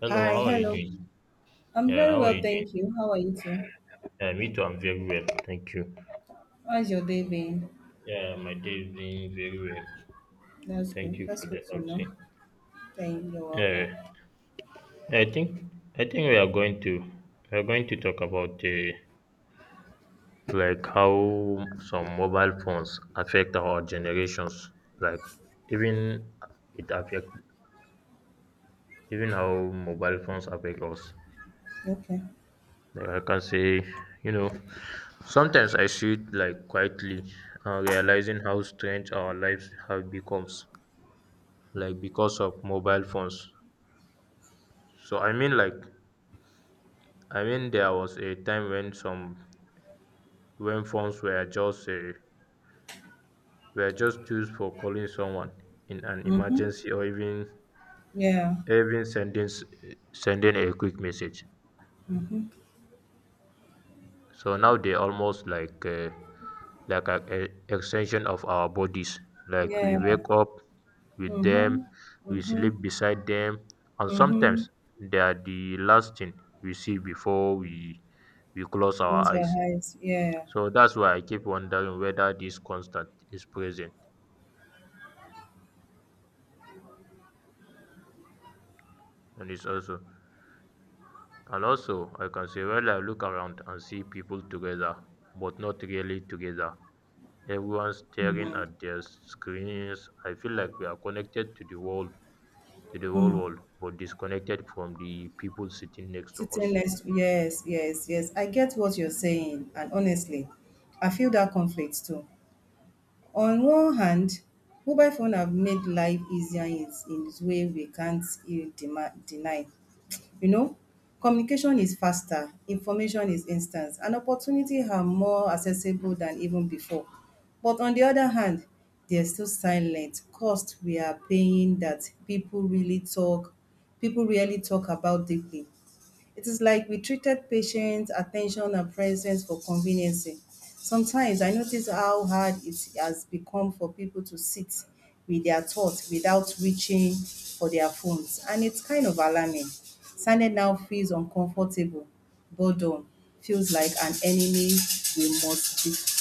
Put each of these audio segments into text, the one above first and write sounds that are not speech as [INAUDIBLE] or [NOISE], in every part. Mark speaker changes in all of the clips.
Speaker 1: Hello,
Speaker 2: Hi,
Speaker 1: how are you
Speaker 2: hello.
Speaker 1: doing?
Speaker 2: I'm
Speaker 1: Yeah,
Speaker 2: very
Speaker 1: how are
Speaker 2: well,
Speaker 1: you doing?
Speaker 2: thank you. How are you too?
Speaker 1: Yeah, me too. I'm very well. Thank you.
Speaker 2: How's your day been?
Speaker 1: Yeah, my day is doing very well.
Speaker 2: That's
Speaker 1: Thank
Speaker 2: good.
Speaker 1: you for
Speaker 2: That's
Speaker 1: the
Speaker 2: good to know.
Speaker 1: asking.
Speaker 2: Thank you. You're welcome.
Speaker 1: Yeah, I think we are going to talk about like how some mobile phones affect our generations. Like even it affect even how mobile phones affect us.
Speaker 2: Okay.
Speaker 1: Like I can say, you know. Sometimes I sit like quietly, realizing how strange our lives have become, like because of mobile phones. So I mean, there was a time when some when phones were just used for calling someone in an
Speaker 2: Mm-hmm.
Speaker 1: emergency or even
Speaker 2: Yeah.
Speaker 1: even sending s- sending a quick message.
Speaker 2: Mm-hmm.
Speaker 1: So now they almost like an extension of our bodies. Like we
Speaker 2: Yeah.
Speaker 1: wake up with them,
Speaker 2: Mm-hmm.
Speaker 1: we
Speaker 2: Mm-hmm.
Speaker 1: sleep beside them, and
Speaker 2: Mm-hmm.
Speaker 1: sometimes they are the last thing we see before we close our
Speaker 2: Those are
Speaker 1: eyes.
Speaker 2: highs. Yeah.
Speaker 1: So that's why I keep wondering whether this constant is present, and it's also and also I can say when I look around and see people together but not really together, everyone staring
Speaker 2: Mm-hmm.
Speaker 1: at their screens. I feel like we are connected to the real world but disconnected from the people sitting next to
Speaker 2: Sitting
Speaker 1: us.
Speaker 2: next. Yes. Yes. Yes. I get what you're saying, and honestly, I feel that conflict too. On one hand, mobile phone have made life easier in its way we can't deny. you know Communication is faster, information is instant, and opportunity are more accessible than even before. But on the other hand, there's still silent cost we are paying that people really talk about deeply. It is like we treated patience, attention, and presence for conveniency. Sometimes I notice how hard it has become for people to sit with their thoughts without reaching for their phones, and it's kind of alarming. Silence now feels uncomfortable. Boredom feels like an enemy we must be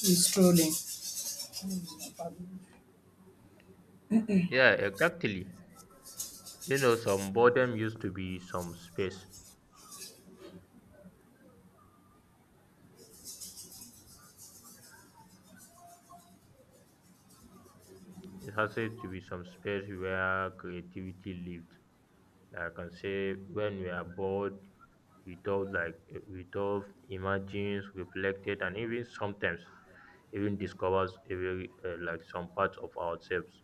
Speaker 2: destroying.
Speaker 1: Yeah, exactly. You know, some boredom used to be some space. It has to be some space where creativity lived. Like I can say when we are bored, we thought imagines, reflected, and even sometimes even discovers a very, like some parts of ourselves.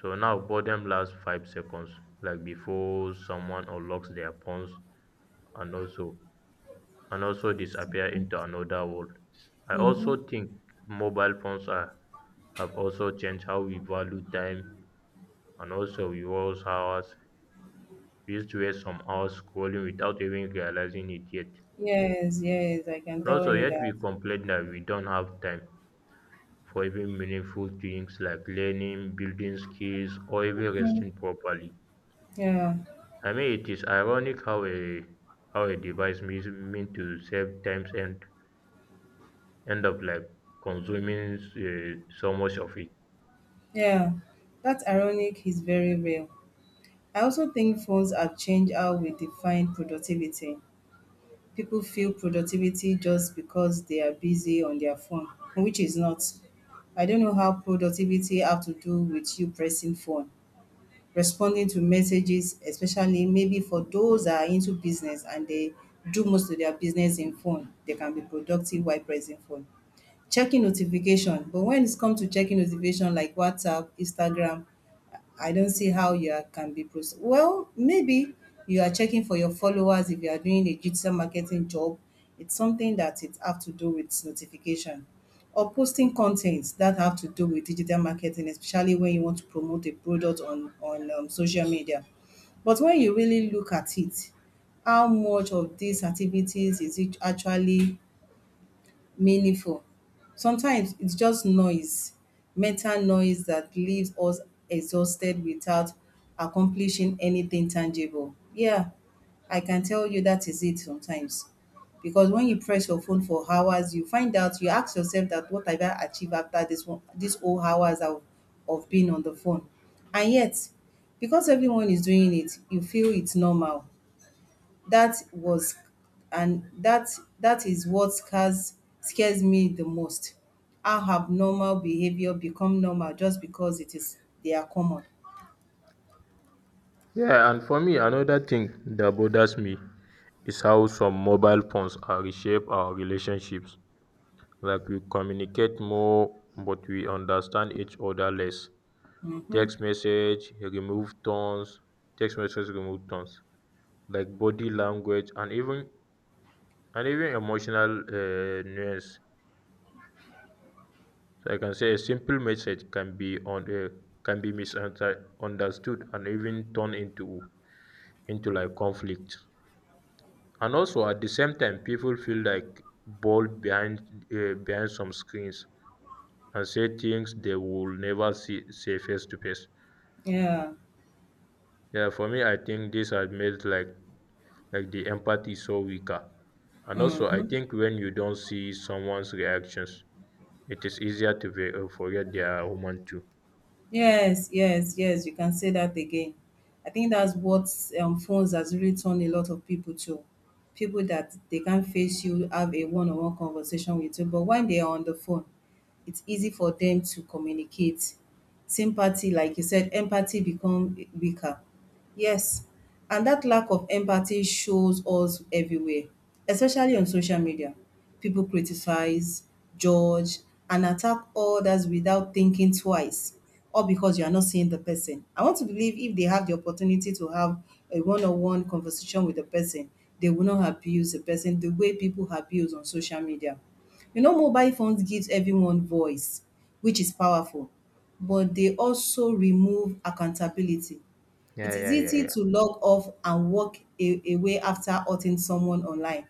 Speaker 1: So now boredom lasts 5 seconds, like before someone unlocks their phones and also and also disappear into another world. I
Speaker 2: Mm-hmm.
Speaker 1: also think mobile phones are have also changed how we value time, and also we waste hours. We used to waste some hours scrolling without even realizing it yet.
Speaker 2: Yes, yes, I can
Speaker 1: And
Speaker 2: tell
Speaker 1: also
Speaker 2: you
Speaker 1: yet
Speaker 2: that.
Speaker 1: we complain that we don't have time for even meaningful things like learning, building skills, or even resting properly.
Speaker 2: Yeah,
Speaker 1: I mean, it is ironic how a device means meant to save times and end up like consuming so much of it.
Speaker 2: yeah. That ironic is very real. I also think phones have changed how we define productivity. People feel productivity just because they are busy on their phone, which is not. I don't know how productivity have to do with you pressing phone, responding to messages, especially maybe for those that are into business and they do most of their business in phone. They can be productive while pressing phone. Checking notification, but when it's come to checking notification like WhatsApp, Instagram, I don't see how you are, can be pros well, maybe you are checking for your followers if you are doing a digital marketing job. It's something that it have to do with notification or posting contents that have to do with digital marketing, especially when you want to promote a product on social media. But when you really look at it, how much of these activities is it actually meaningful. Sometimes it's just noise, mental noise that leaves us exhausted without accomplishing anything tangible. Yeah, I can tell you that is it sometimes. Because when you press your phone for hours, you find out, you ask yourself that what have I achieved after this one, this whole hours of being on the phone? And yet, because everyone is doing it, you feel it's normal that was and that that is what scares me the most. How abnormal behavior become normal just because it is they are common.
Speaker 1: Yeah, and for me, another thing that bothers me is how some mobile phones are reshape our relationships. Like we communicate more, but we understand each other less. Text message, remove tones, text message, remove tones, like body language, and even emotional nuance. So I can say a simple message can be on a can be misunderstood and even turn into like conflict. And also at the same time, people feel like bold behind some screens and say things they will never see say face to face.
Speaker 2: Yeah.
Speaker 1: Yeah, for me, I think this has made like the empathy so weaker. And also, I think when you don't see someone's reactions, it is easier to forget they are human too.
Speaker 2: Yes, yes, yes, you can say that again. I think that's what phones has really turned a lot of people to. People that they can't face you, have a one-on-one conversation with you, but when they are on the phone, it's easy for them to communicate. Sympathy, like you said, empathy become weaker. Yes, and that lack of empathy shows us everywhere, especially on social media. People criticize, judge, and attack others without thinking twice, or because you are not seeing the person. I want to believe if they have the opportunity to have a one on one conversation with the person, they will not abuse the person the way people abuse on social media. You know, mobile phones gives everyone voice, which is powerful, but they also remove accountability. It
Speaker 1: Yeah,
Speaker 2: is
Speaker 1: yeah,
Speaker 2: easy
Speaker 1: yeah.
Speaker 2: to log off and walk a away after hurting someone online.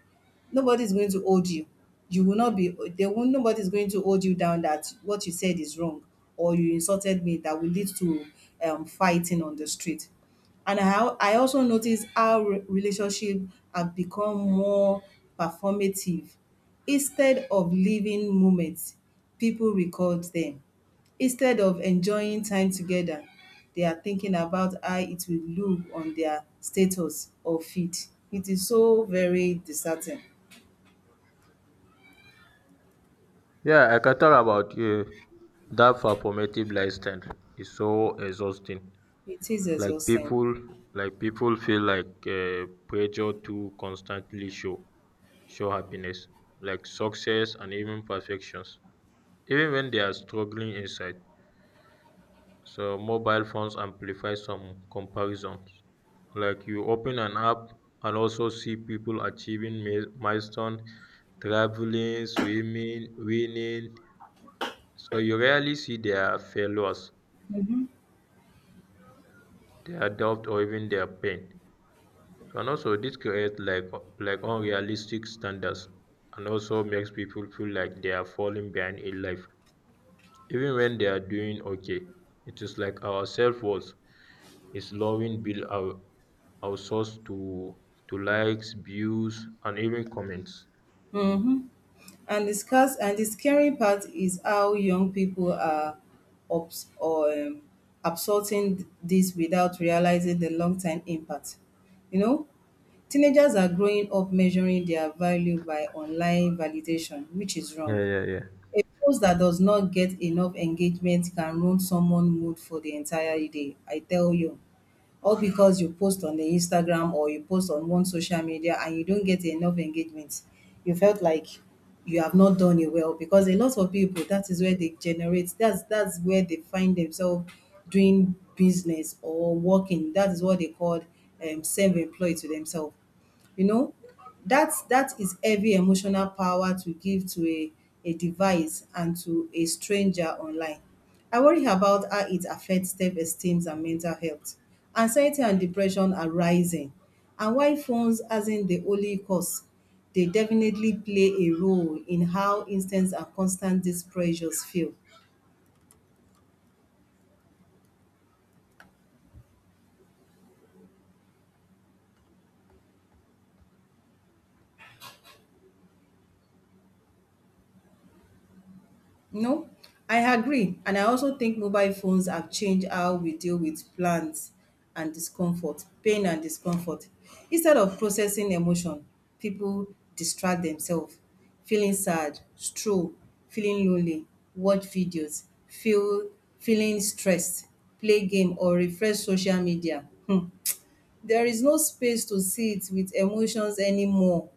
Speaker 2: Nobody is going to hold you. You will not be they won't Nobody is going to hold you down that what you said is wrong or you insulted me that will lead to fighting on the street. And I also notice how relationship have become more performative. Instead of living moments, people record them. Instead of enjoying time together, they are thinking about how it will look on their status or feed. It is so very disheartening.
Speaker 1: Yeah, I can talk about that performative lifestyle is so exhausting.
Speaker 2: It is
Speaker 1: Like
Speaker 2: exhausting.
Speaker 1: people, like people feel like pressure to show happiness, like success and even perfections, even when they are struggling inside. So mobile phones amplify some comparisons. Like you open an app and also see people achieving milestone, traveling, swimming, winning, so you rarely see their failures, their doubt or even their pain. So and also this creates like unrealistic standards, and also makes people feel like they are falling behind in life, even when they are doing okay. It is like our self worth is lowering build our source to likes, views and even comments.
Speaker 2: Mm-hmm. And the scarce and the scary part is how young people are obs- or absorbing this without realizing the long-term impact. You know, teenagers are growing up measuring their value by online validation, which is
Speaker 1: Yeah,
Speaker 2: wrong.
Speaker 1: yeah, yeah.
Speaker 2: A post that does not get enough engagement can ruin someone's mood for the entire day, I tell you. All because you post on the Instagram or you post on one social media and you don't get enough engagement. You felt like you have not done it well because a lot of people, that is where they generate, that's where they find themselves doing business or working. That is what they call self-employed to themselves you know that is heavy emotional power to give to a device and to a stranger online. I worry about how it affects self-esteem and mental health. Anxiety and depression are rising. And while phones are not the only cause, they definitely play a role in how instant and constant these pressures feel. No, I agree. And I also think mobile phones have changed how we deal with pain and discomfort. Instead of processing emotion, people distract themselves, feeling sad, stroll, feeling lonely, watch videos, feeling stressed, play game or refresh social media. [LAUGHS] There is no space to sit with emotions anymore.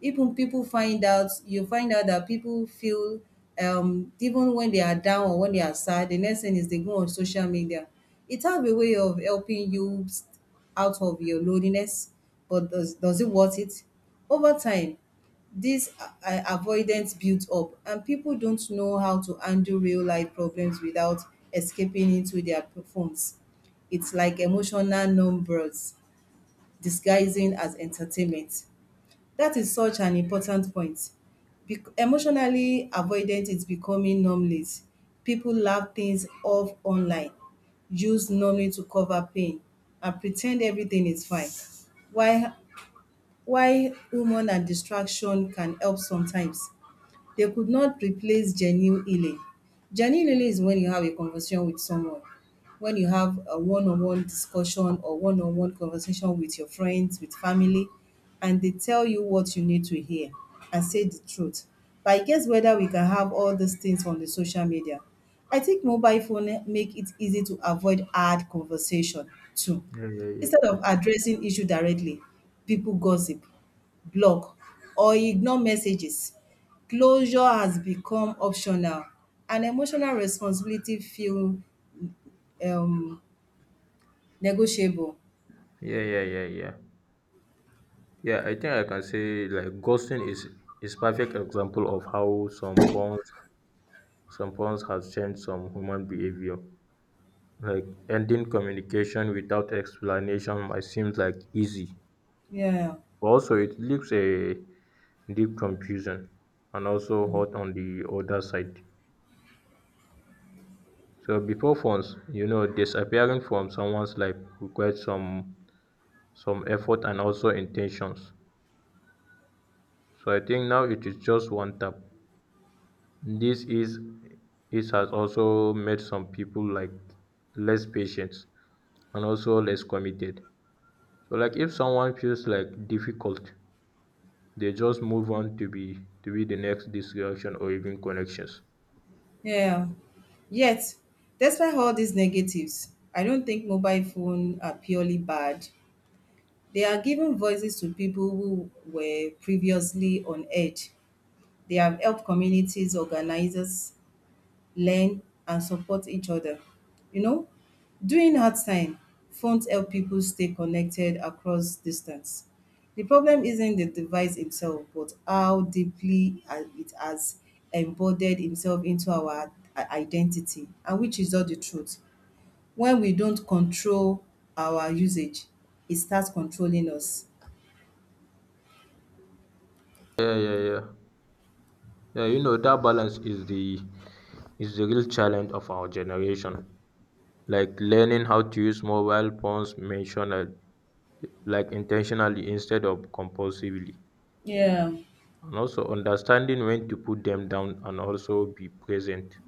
Speaker 2: Even you find out that people feel, even when they are down or when they are sad, the next thing is they go on social media. It have a way of helping you s- out of your loneliness, but does it worth it? Over time, this avoidance builds up and people don't know how to handle real life problems without escaping into their phones. It's like emotional numbers disguising as entertainment. That is such an important point. Bec emotionally avoidant is becoming numbness. People laugh things off online, use numbing to cover pain, and pretend everything is fine. Why? Why humor and distraction can help sometimes, they could not replace genuine healing. Genuine healing is when you have a conversation with someone, when you have a one-on-one discussion or one-on-one conversation with your friends, with family, and they tell you what you need to hear and say the truth. But I guess whether we can have all these things on the social media. I think mobile phone make it easy to avoid hard conversation too.
Speaker 1: Yeah, yeah, yeah.
Speaker 2: Instead of addressing issue directly, people gossip, block, or ignore messages. Closure has become optional and emotional responsibility feel um negotiable.
Speaker 1: Yeah, yeah, yeah, yeah. Yeah, I think I can say like ghosting is perfect example of how some phones has changed some human behavior. Like ending communication without explanation might seem like easy,
Speaker 2: Yeah,
Speaker 1: but also it leaves a deep confusion and also hurt on the other side. So before phones, you know, disappearing from someone's life requires some effort and also intentions. So I think now it is just one tap. This is this has also made some people like less patient and also less committed. So like if someone feels like difficult, they just move on to be the next distraction or even connections.
Speaker 2: yeah. Yet, despite all these negatives, I don't think mobile phones are purely bad. They are giving voices to people who were previously on edge. They have helped communities, organizers, learn, and support each other. You know, during hard time, phones help people stay connected across distance. The problem isn't the device itself, but how deeply it has embedded itself into our identity, and which is not the truth. When we don't control our usage, it starts controlling us.
Speaker 1: Yeah, yeah, yeah. Yeah, you know that balance is the real challenge of our generation. Like learning how to use mobile phones mentioned like intentionally instead of compulsively.
Speaker 2: Yeah,
Speaker 1: And also understanding when to put them down and also be present.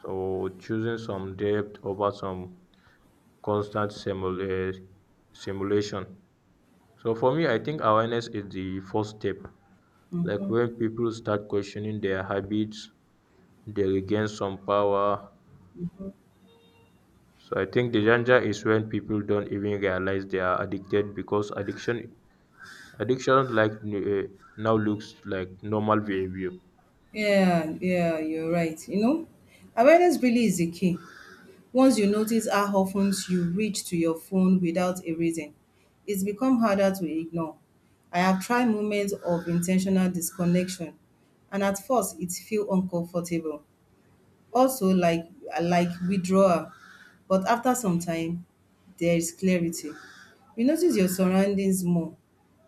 Speaker 1: So choosing some depth over some constant simula- simulation. So for me, I think awareness is the first step. Like when people start questioning their habits, they regain some power. So I think the danger is when people don't even realize they are addicted, because addiction now looks like normal behavior.
Speaker 2: yeah, yeah, you're right. You know, awareness really is the key. Once you notice how often you reach to your phone without a reason, it's become harder to ignore. I have tried moments of intentional disconnection, and at first it feel uncomfortable. Also, like withdrawal, but after some time, there is clarity. You notice your surroundings more.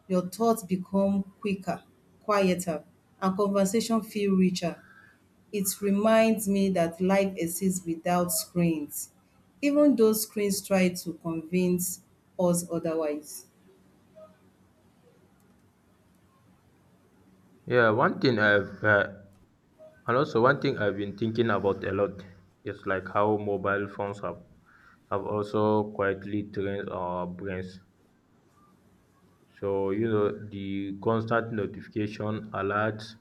Speaker 2: Your thoughts become quicker, quieter, and conversation feel richer. It reminds me that life exists without screens, even though screens try to convince us otherwise.
Speaker 1: Yeah, one thing I've And also one thing I've been thinking about a lot is like how mobile phones have also quietly trained our brains. So you know the constant notification, alerts,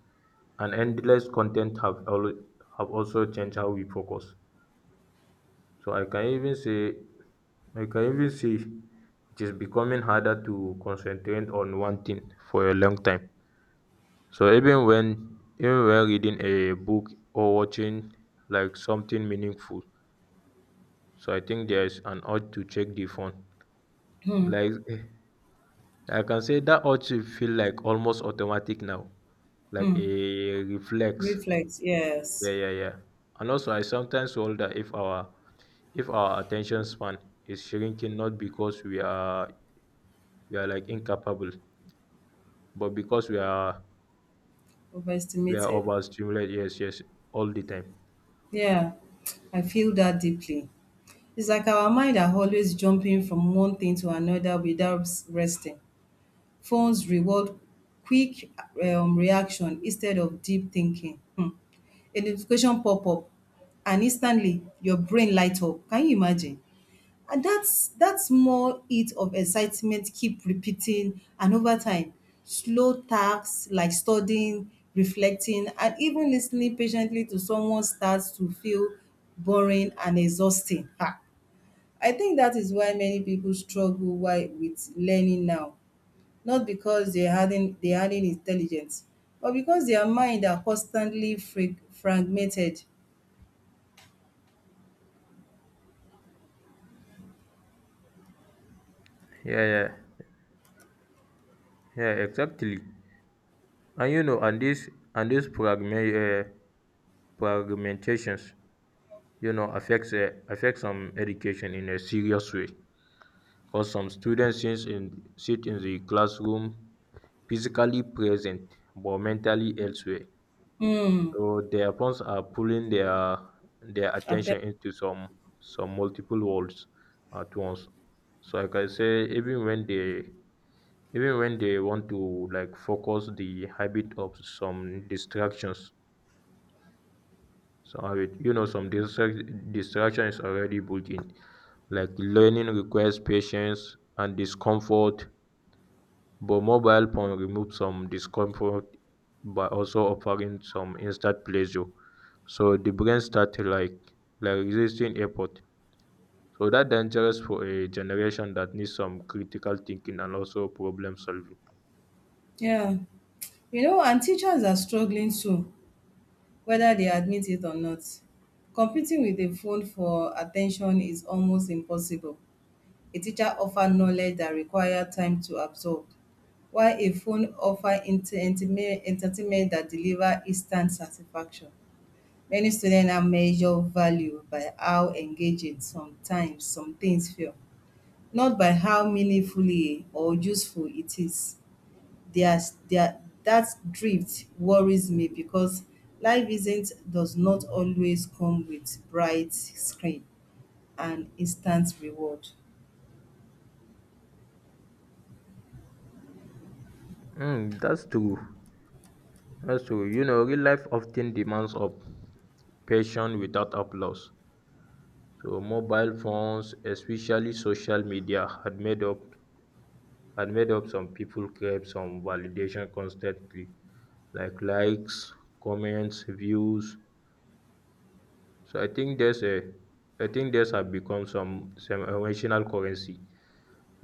Speaker 1: and endless content have also changed how we focus. So I can even see it is becoming harder to concentrate on one thing for a long time. So even when reading a book or watching like something meaningful, so I think there's an urge to check the phone. Like [LAUGHS] I can say that urge will feel like almost automatic now, like
Speaker 2: Hmm.
Speaker 1: a reflex.
Speaker 2: Reflect,
Speaker 1: Yeah,
Speaker 2: yes.
Speaker 1: yeah, yeah. And also, I sometimes wonder if our attention span is shrinking, not because we are like incapable, but because we are
Speaker 2: Overestimated.
Speaker 1: overstimulated. Yes, yes, all the time.
Speaker 2: Yeah, I feel that deeply. It's like our mind are always jumping from one thing to another without s- resting. Phones reward quick reaction instead of deep thinking. Hmm. A notification pop up, and instantly your brain light up. Can you imagine? And that's that small hit of excitement keep repeating and over time, slow tasks like studying, reflecting, and even listening patiently to someone starts to feel boring and exhausting. Ha! I think that is why many people struggle why with learning now. Not because they hadn't intelligence, but because their mind are constantly fragmented.
Speaker 1: Yeah, yeah, yeah, exactly. And you know, and this fragmentations, you know, affects some education in a serious way, because some students sit in the classroom physically present but mentally elsewhere, so their phones are pulling their
Speaker 2: I
Speaker 1: attention
Speaker 2: think-
Speaker 1: into some multiple worlds at once. So like I say, even when they even when they want to like focus, the habit of some distractions, some of it, you know, some distraction is already built in. Like learning requires patience and discomfort, but mobile phone removes some discomfort by also offering some instant pleasure. So the brain starts like resisting effort. So that dangerous for a generation that needs some critical thinking and also problem solving.
Speaker 2: Yeah. You know, and teachers are struggling too whether they admit it or not. Competing with a phone for attention is almost impossible. A teacher offer knowledge that require time to absorb, while a phone offer entertainment that deliver instant satisfaction. Many student now measure value by how engaging sometimes some things feel, not by how meaningfully or useful it is. Their their that drift worries me because life isn't does not always come with bright screen and instant reward.
Speaker 1: Mm, that's true. That's true. You know, real life often demands of patience without applause. So mobile phones, especially social media, had made up some people crave some validation constantly, like likes, comments, views. So I think there's have become some emotional currency.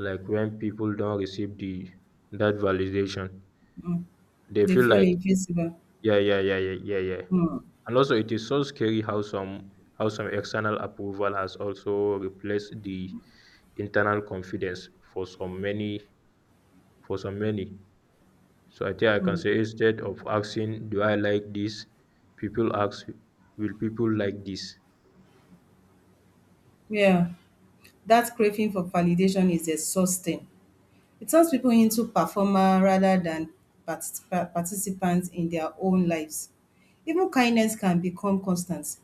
Speaker 1: Like when people don't receive the that validation,
Speaker 2: Mm.
Speaker 1: they
Speaker 2: They
Speaker 1: feel
Speaker 2: feel
Speaker 1: like.
Speaker 2: invisible.
Speaker 1: Yeah, yeah, yeah, yeah, yeah, yeah.
Speaker 2: Mm.
Speaker 1: And also, it is so scary how some external approval has also replaced the internal confidence for some many. So I think I can
Speaker 2: Mm.
Speaker 1: say instead of asking, "Do I like this?" people ask, "Will people like this?"
Speaker 2: Yeah, that craving for validation is exhausting. It turns people into performer rather than participants in their own lives. Even kindness can become constant.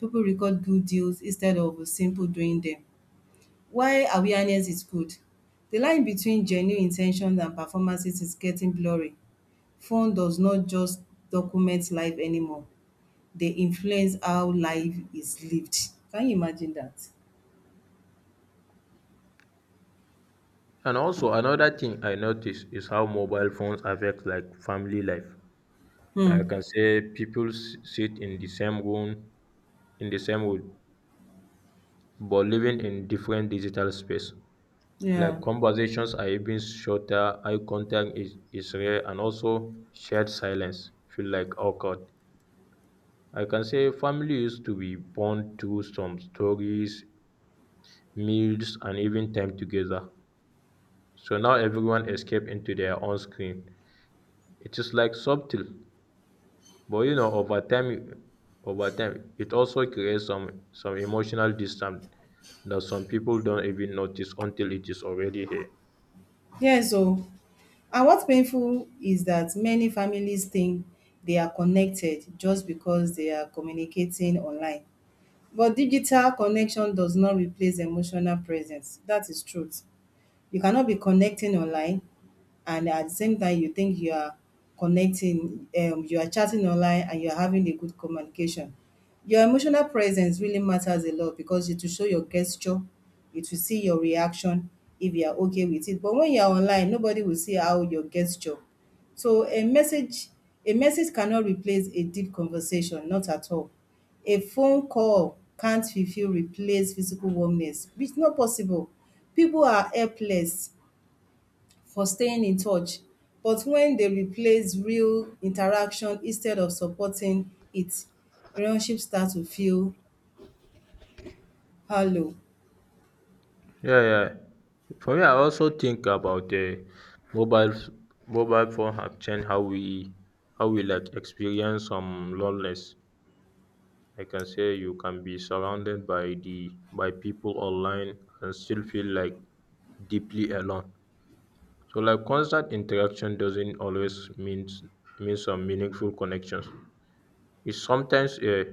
Speaker 2: People record good deals instead of a simple doing them. While awareness is good, the line between genuine intentions and performances is getting blurry. Phone does not just document life anymore, they influence how life is lived. Can you imagine that?
Speaker 1: And also another thing I notice is how mobile phones affect like family life. Like I can
Speaker 2: Hmm,
Speaker 1: say people sit in the same room in the same room, but living in different digital space.
Speaker 2: yeah.
Speaker 1: Like conversations are even shorter, eye contact is rare, and also shared silence feel like awkward. I can say family used to be born through some stories, meals, and even time together. So now everyone escape into their own screen. It is like subtle, but you know, over time, it also creates some emotional distance that some people don't even notice until it is already here.
Speaker 2: Yeah. And what's painful is that many families think they are connected just because they are communicating online. But digital connection does not replace emotional presence. That is truth. You cannot be connecting online and at the same time you think you are you are chatting online and you are having a good communication. Your emotional presence really matters a lot because it will show your gesture, it will see your reaction if you are okay with it. But when you are online, nobody will see how your gesture. So a message cannot replace a deep conversation, not at all. A phone call can't fulfill replace physical warmness. It's not possible. People are helpless for staying in touch, but when they replace real interaction instead of supporting it, relationship start to feel hollow.
Speaker 1: Yeah, yeah. For me, I also think about the mobile mobile phone have changed how we like experience some loneliness. I can say you can be surrounded by people online and still feel like deeply alone. So like constant interaction doesn't always means mean some meaningful connections. It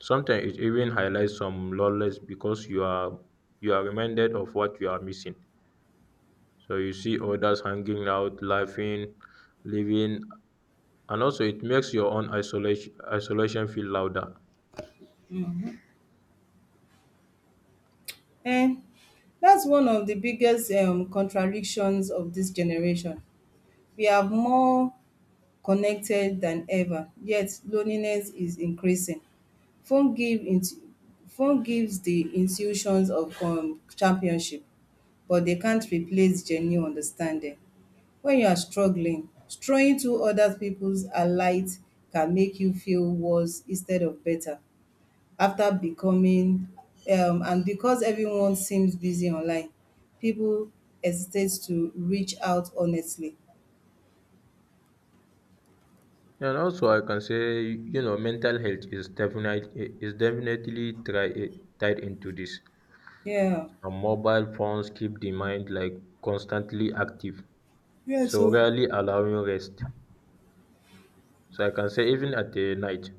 Speaker 1: sometimes it even highlights some loneliness, because you are reminded of what you are missing. So you see others hanging out, laughing, living, and also it makes your own isolation feel louder.
Speaker 2: um That's one of the biggest contradictions of dis generation. We are more connected than ever, yet loneliness is increasing. Phone give intu- Phone gives the institutions of championship, but they can't replace genuine understanding. When you are struggling, straying to other people's alight can make you feel worse instead of better after becoming and because everyone seems busy online, people hesitate to reach out honestly.
Speaker 1: And also I can say you know mental health is definitely tied into this.
Speaker 2: Yeah.
Speaker 1: And mobile phones keep the mind like constantly active,
Speaker 2: Yes,
Speaker 1: so
Speaker 2: so
Speaker 1: rarely allowing rest. So I can say even at the night,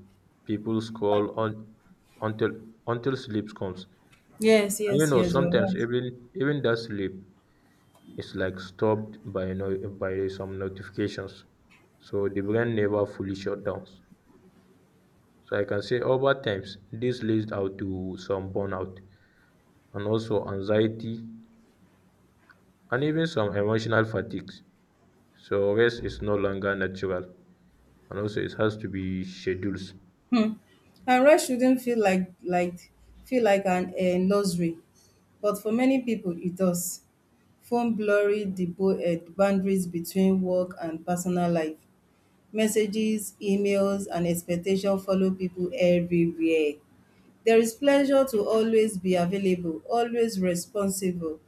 Speaker 1: people scroll on until until sleep comes.
Speaker 2: yes,
Speaker 1: And you
Speaker 2: yes,
Speaker 1: know
Speaker 2: yes, you're
Speaker 1: sometimes
Speaker 2: right.
Speaker 1: even that sleep it's like stopped by no by some notifications, so the brain never fully shut down. So I can say over times this leads out to some burnout and also anxiety and even some emotional fatigues. So rest is no longer natural and also it has to be schedules.
Speaker 2: And rest shouldn't feel feel like an luxury, but for many people it does. Phone blurry the bo- eh, The boundaries between work and personal life. Messages, emails, and expectation follow people everywhere. There is pleasure to always be available, always responsible.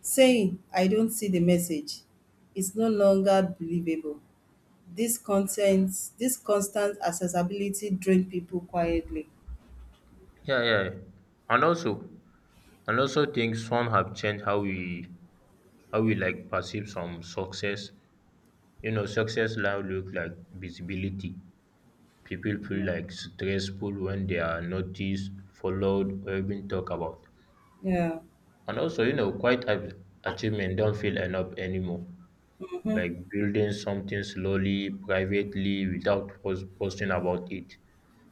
Speaker 2: Saying I don't see the message is no longer believable. This content this constant accessibility drain people quietly.
Speaker 1: Yeah, yeah, yeah. And also and also things some have changed how we like perceive some success. You know, success now look like visibility. People feel
Speaker 2: Mm.
Speaker 1: like stressful when they are noticed, followed, or even talked about.
Speaker 2: Yeah.
Speaker 1: And also, achievement don't feel enough anymore. Like building something slowly, privately, without posting about it,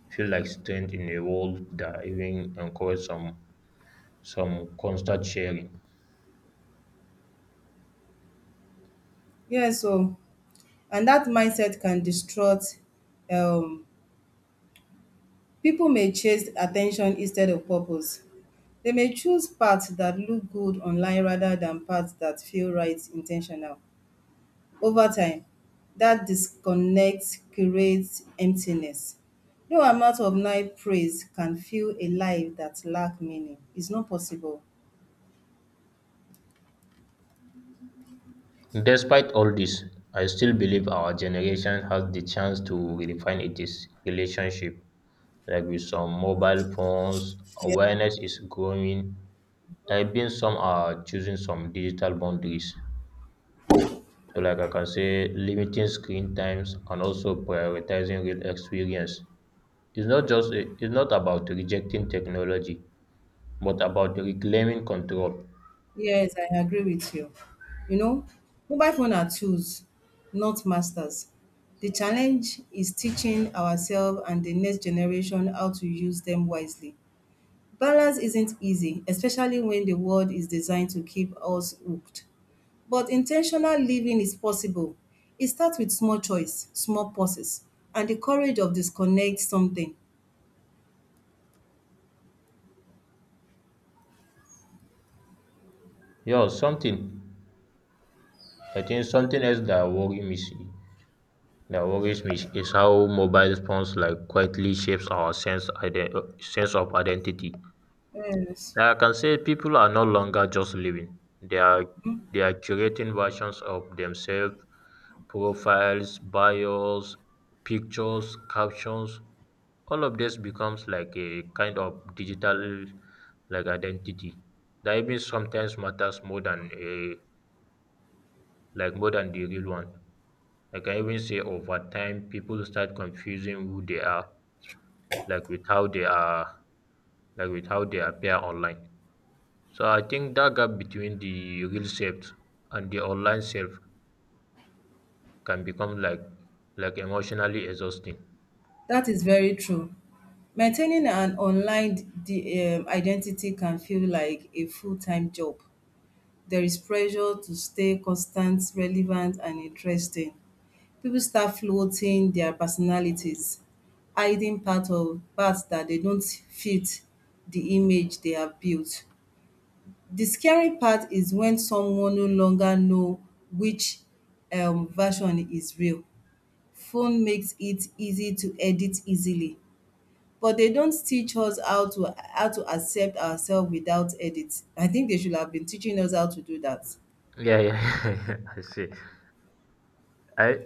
Speaker 1: feel like strength in a world that even encourage some constant sharing.
Speaker 2: Yes, so and that mindset can distort um people may chase attention instead of purpose. They may choose paths that look good online rather than paths that feel right intentional. Over time, that disconnect creates emptiness. No amount of night praise can fill a life that lack meaning. It's not possible.
Speaker 1: Despite all this, I still believe our generation has the chance to redefine its relationship. Like with some mobile phones, awareness is growing, I have been some are choosing some digital boundaries. So, like I can say, limiting screen times and also prioritizing real experience. It's not about rejecting technology, but about reclaiming control.
Speaker 2: Yes, I agree with you. You know, mobile phone are tools, not masters. The challenge is teaching ourselves and the next generation how to use them wisely. Balance isn't easy, especially when the world is designed to keep us hooked. But intentional living is possible. It starts with small choice, small pauses, and the courage of disconnect something.
Speaker 1: Yeah, something. I think something else that worries me is- That worries me is how mobile phones like quietly shapes our sense of identity.
Speaker 2: Yes.
Speaker 1: Like I can say people are no longer just living; they are they are curating versions of themselves, profiles, bios, pictures, captions. All of this becomes like a kind of digital, like identity, that even sometimes matters more than a like more than the real one. Like, I can even say over time people start confusing who they are, like with how they are like with how they appear online. So I think that gap between the real self and the online self can become like emotionally exhausting.
Speaker 2: That is very true. Maintaining an identity can feel like a full time job. There is pressure to stay constant, relevant, and interesting. People start floating their personalities, hiding part of parts that they don't fit the image they have built. The scary part is when someone no longer know which version is real. Phone makes it easy to edit easily but they don't teach us how to accept ourselves without edit. I think they should have been teaching us how to do that.
Speaker 1: Yeah, yeah, [LAUGHS] yeah, I see. I,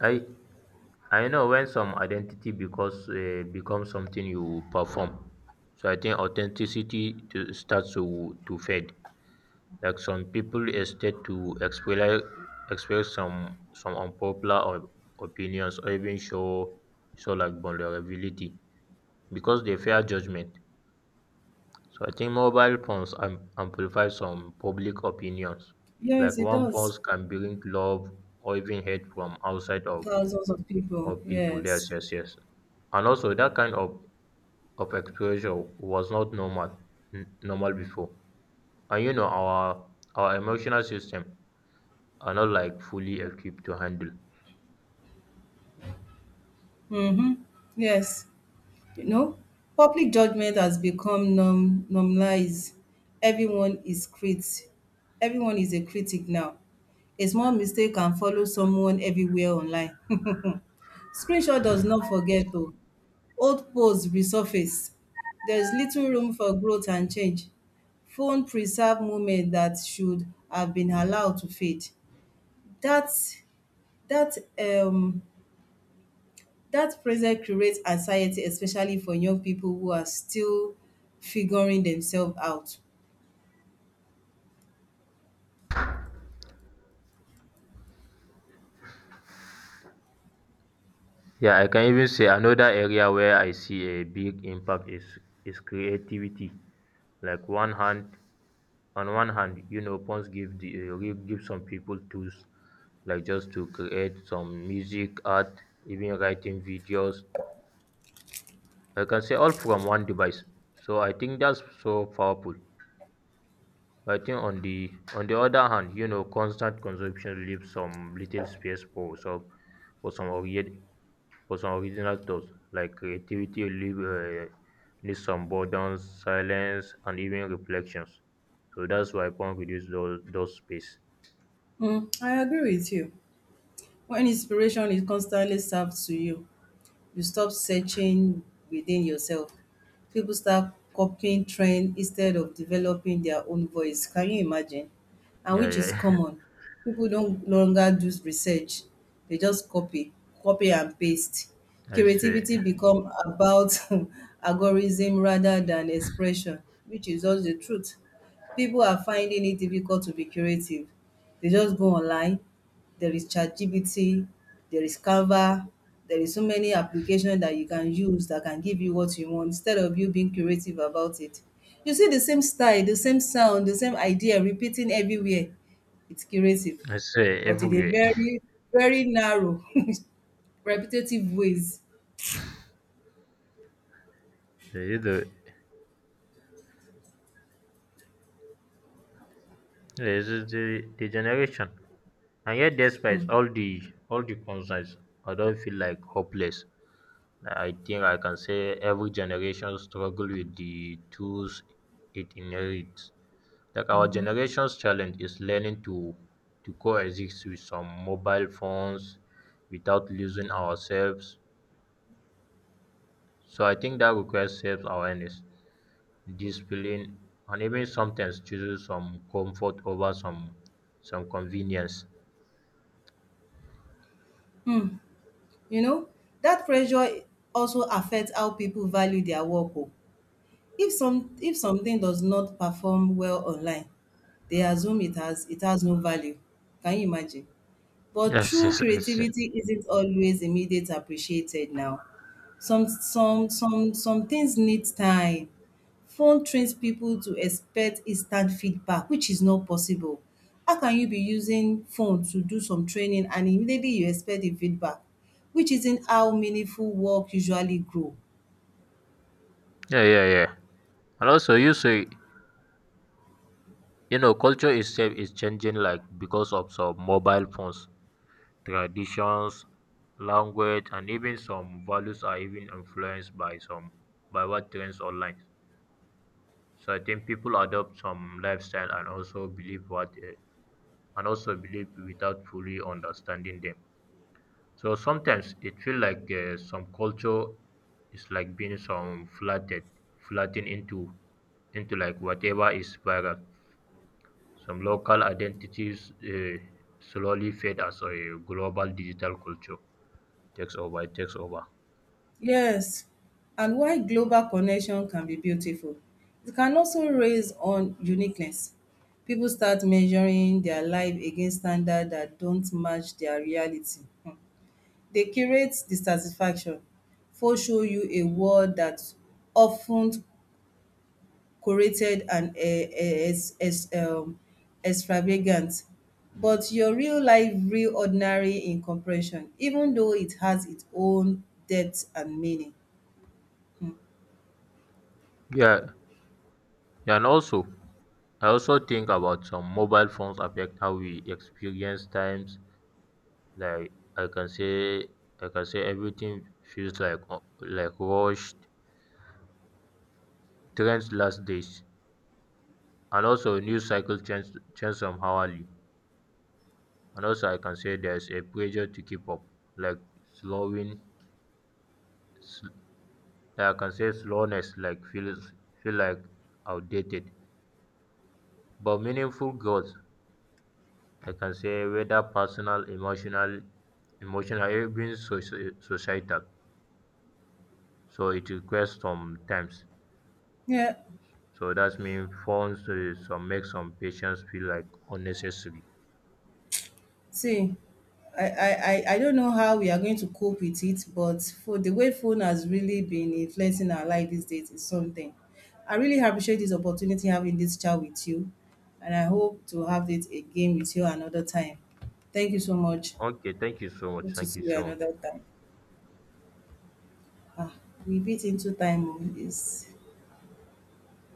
Speaker 1: I, I know when some identity because becomes something you perform. So I think authenticity to starts to fade. Like some people start to express some unpopular or opinions or even show like vulnerability because they fear judgment. So I think mobile phones amplify some public opinions. Like
Speaker 2: Yes, it
Speaker 1: one
Speaker 2: does.
Speaker 1: post can bring love or even hate from outside
Speaker 2: Thousands of people.
Speaker 1: of people. Yes,
Speaker 2: Yes.
Speaker 1: yes, yes. And also that kind of exposure was not normal, normal before. And you know our emotional system are not like fully equipped to handle.
Speaker 2: Mm-hmm. Yes. You know, public judgment has become normalized. Everyone is crit. Everyone is a critic now. A small mistake can follow someone everywhere online. [LAUGHS] Screenshot does not forget though. Old posts resurface. There's little room for growth and change. Phone preserve moments that should have been allowed to fade. That that Dat pressure creates anxiety especially for young people who are still figuring themselves out.
Speaker 1: Yeah, I can even say another area where I see a big impact is creativity. Like one hand on one hand, you know, phones give the give some people tools like just to create some music, art, even writing, videos. I can say all from one device, so I think that's so powerful. I think on the On the other hand, you know, constant consumption leaves some little space for some, for some origi- for some original thoughts. Like creativity leave needs some boredom, silence, and even reflections. So that's why phone reduce those space.
Speaker 2: Mm, I agree with you. When inspiration is constantly served to you, you stop searching within yourself. People start copying trend instead of developing their own voice. Can you imagine? And
Speaker 1: Yeah,
Speaker 2: which is
Speaker 1: yeah,
Speaker 2: common. People don't longer do research. They just copy, copy and paste.
Speaker 1: [LAUGHS] I see,
Speaker 2: Creativity become about [LAUGHS] algorithm rather than expression, which is just the truth. People are finding it difficult to be creative. They just go online. There is ChatGPT, there is Canva, there is so many applications that you can use that can give you what you want instead of you being creative about it. You see the same style, the same sound, the same idea repeating everywhere. It's creative,
Speaker 1: I see
Speaker 2: but in a
Speaker 1: everywhere. [LAUGHS]
Speaker 2: very, very narrow, [LAUGHS] repetitive ways.
Speaker 1: You know, this is the generation, and yet despite all the concerns, I don't feel like hopeless. I think I can say every generation struggle with the tools it inherits. Like our
Speaker 2: Mhm.
Speaker 1: generation's challenge is learning to coexist with some mobile phones without losing ourselves. So I think that requires self awareness. Discipline and even sometimes choosing some comfort over some convenience.
Speaker 2: You know, that pressure also affects how people value their work. Oh. If something does not perform well online, they assume it has no value. Can you imagine? But
Speaker 1: Yes,
Speaker 2: true
Speaker 1: yes, yes, yes.
Speaker 2: creativity isn't always immediate appreciated now. Some things need time. Phone trains people to expect instant feedback, which is not possible. How can you be using phone to do some training and immediately you expect the feedback, which isn't how meaningful work usually grow.
Speaker 1: Yeah, yeah, yeah. And also, you say, you know, culture itself is changing, like because of some mobile phones, traditions, language, and even some values are even influenced by some, by what trends online. So I think people adopt some lifestyle and also believe what, and also believe without fully understanding them. So sometimes it feel like some culture is like being some flattened into like whatever is viral. Some local identities slowly fade as a global digital culture takes over. It takes over.
Speaker 2: Yes, and while global connection can be beautiful, it can also raise on uniqueness. People start measuring their life against standards that don't match their reality. They curate dissatisfaction, foreshow you a world that often curated and extravagant, but your real life real ordinary in comparison, even though it has its own depth and meaning.
Speaker 1: Yeah, yeah, and also I also think about some mobile phones affect how we experience times. Like I can say, I can say everything feels like rushed. Trends last days. And also, news cycle change somehow, hourly. And also, I can say there's a pressure to keep up, like slowing. Sl- I can say slowness, like feel like outdated. But meaningful growth, I can say whether personal, emotional, even societal. So it requires sometimes.
Speaker 2: Yeah.
Speaker 1: So that means phones some make some patients feel like unnecessary.
Speaker 2: See, I don't know how we are going to cope with it, but for the way phone has really been influencing our life these days is something. I really appreciate this opportunity having this chat with you, and I hope to have it again with you another time. Thank you so much.
Speaker 1: Okay, thank you so much.
Speaker 2: Hope to
Speaker 1: Thank
Speaker 2: see
Speaker 1: you
Speaker 2: you
Speaker 1: so much.
Speaker 2: another time. Ah, we beat into time. Oh, it's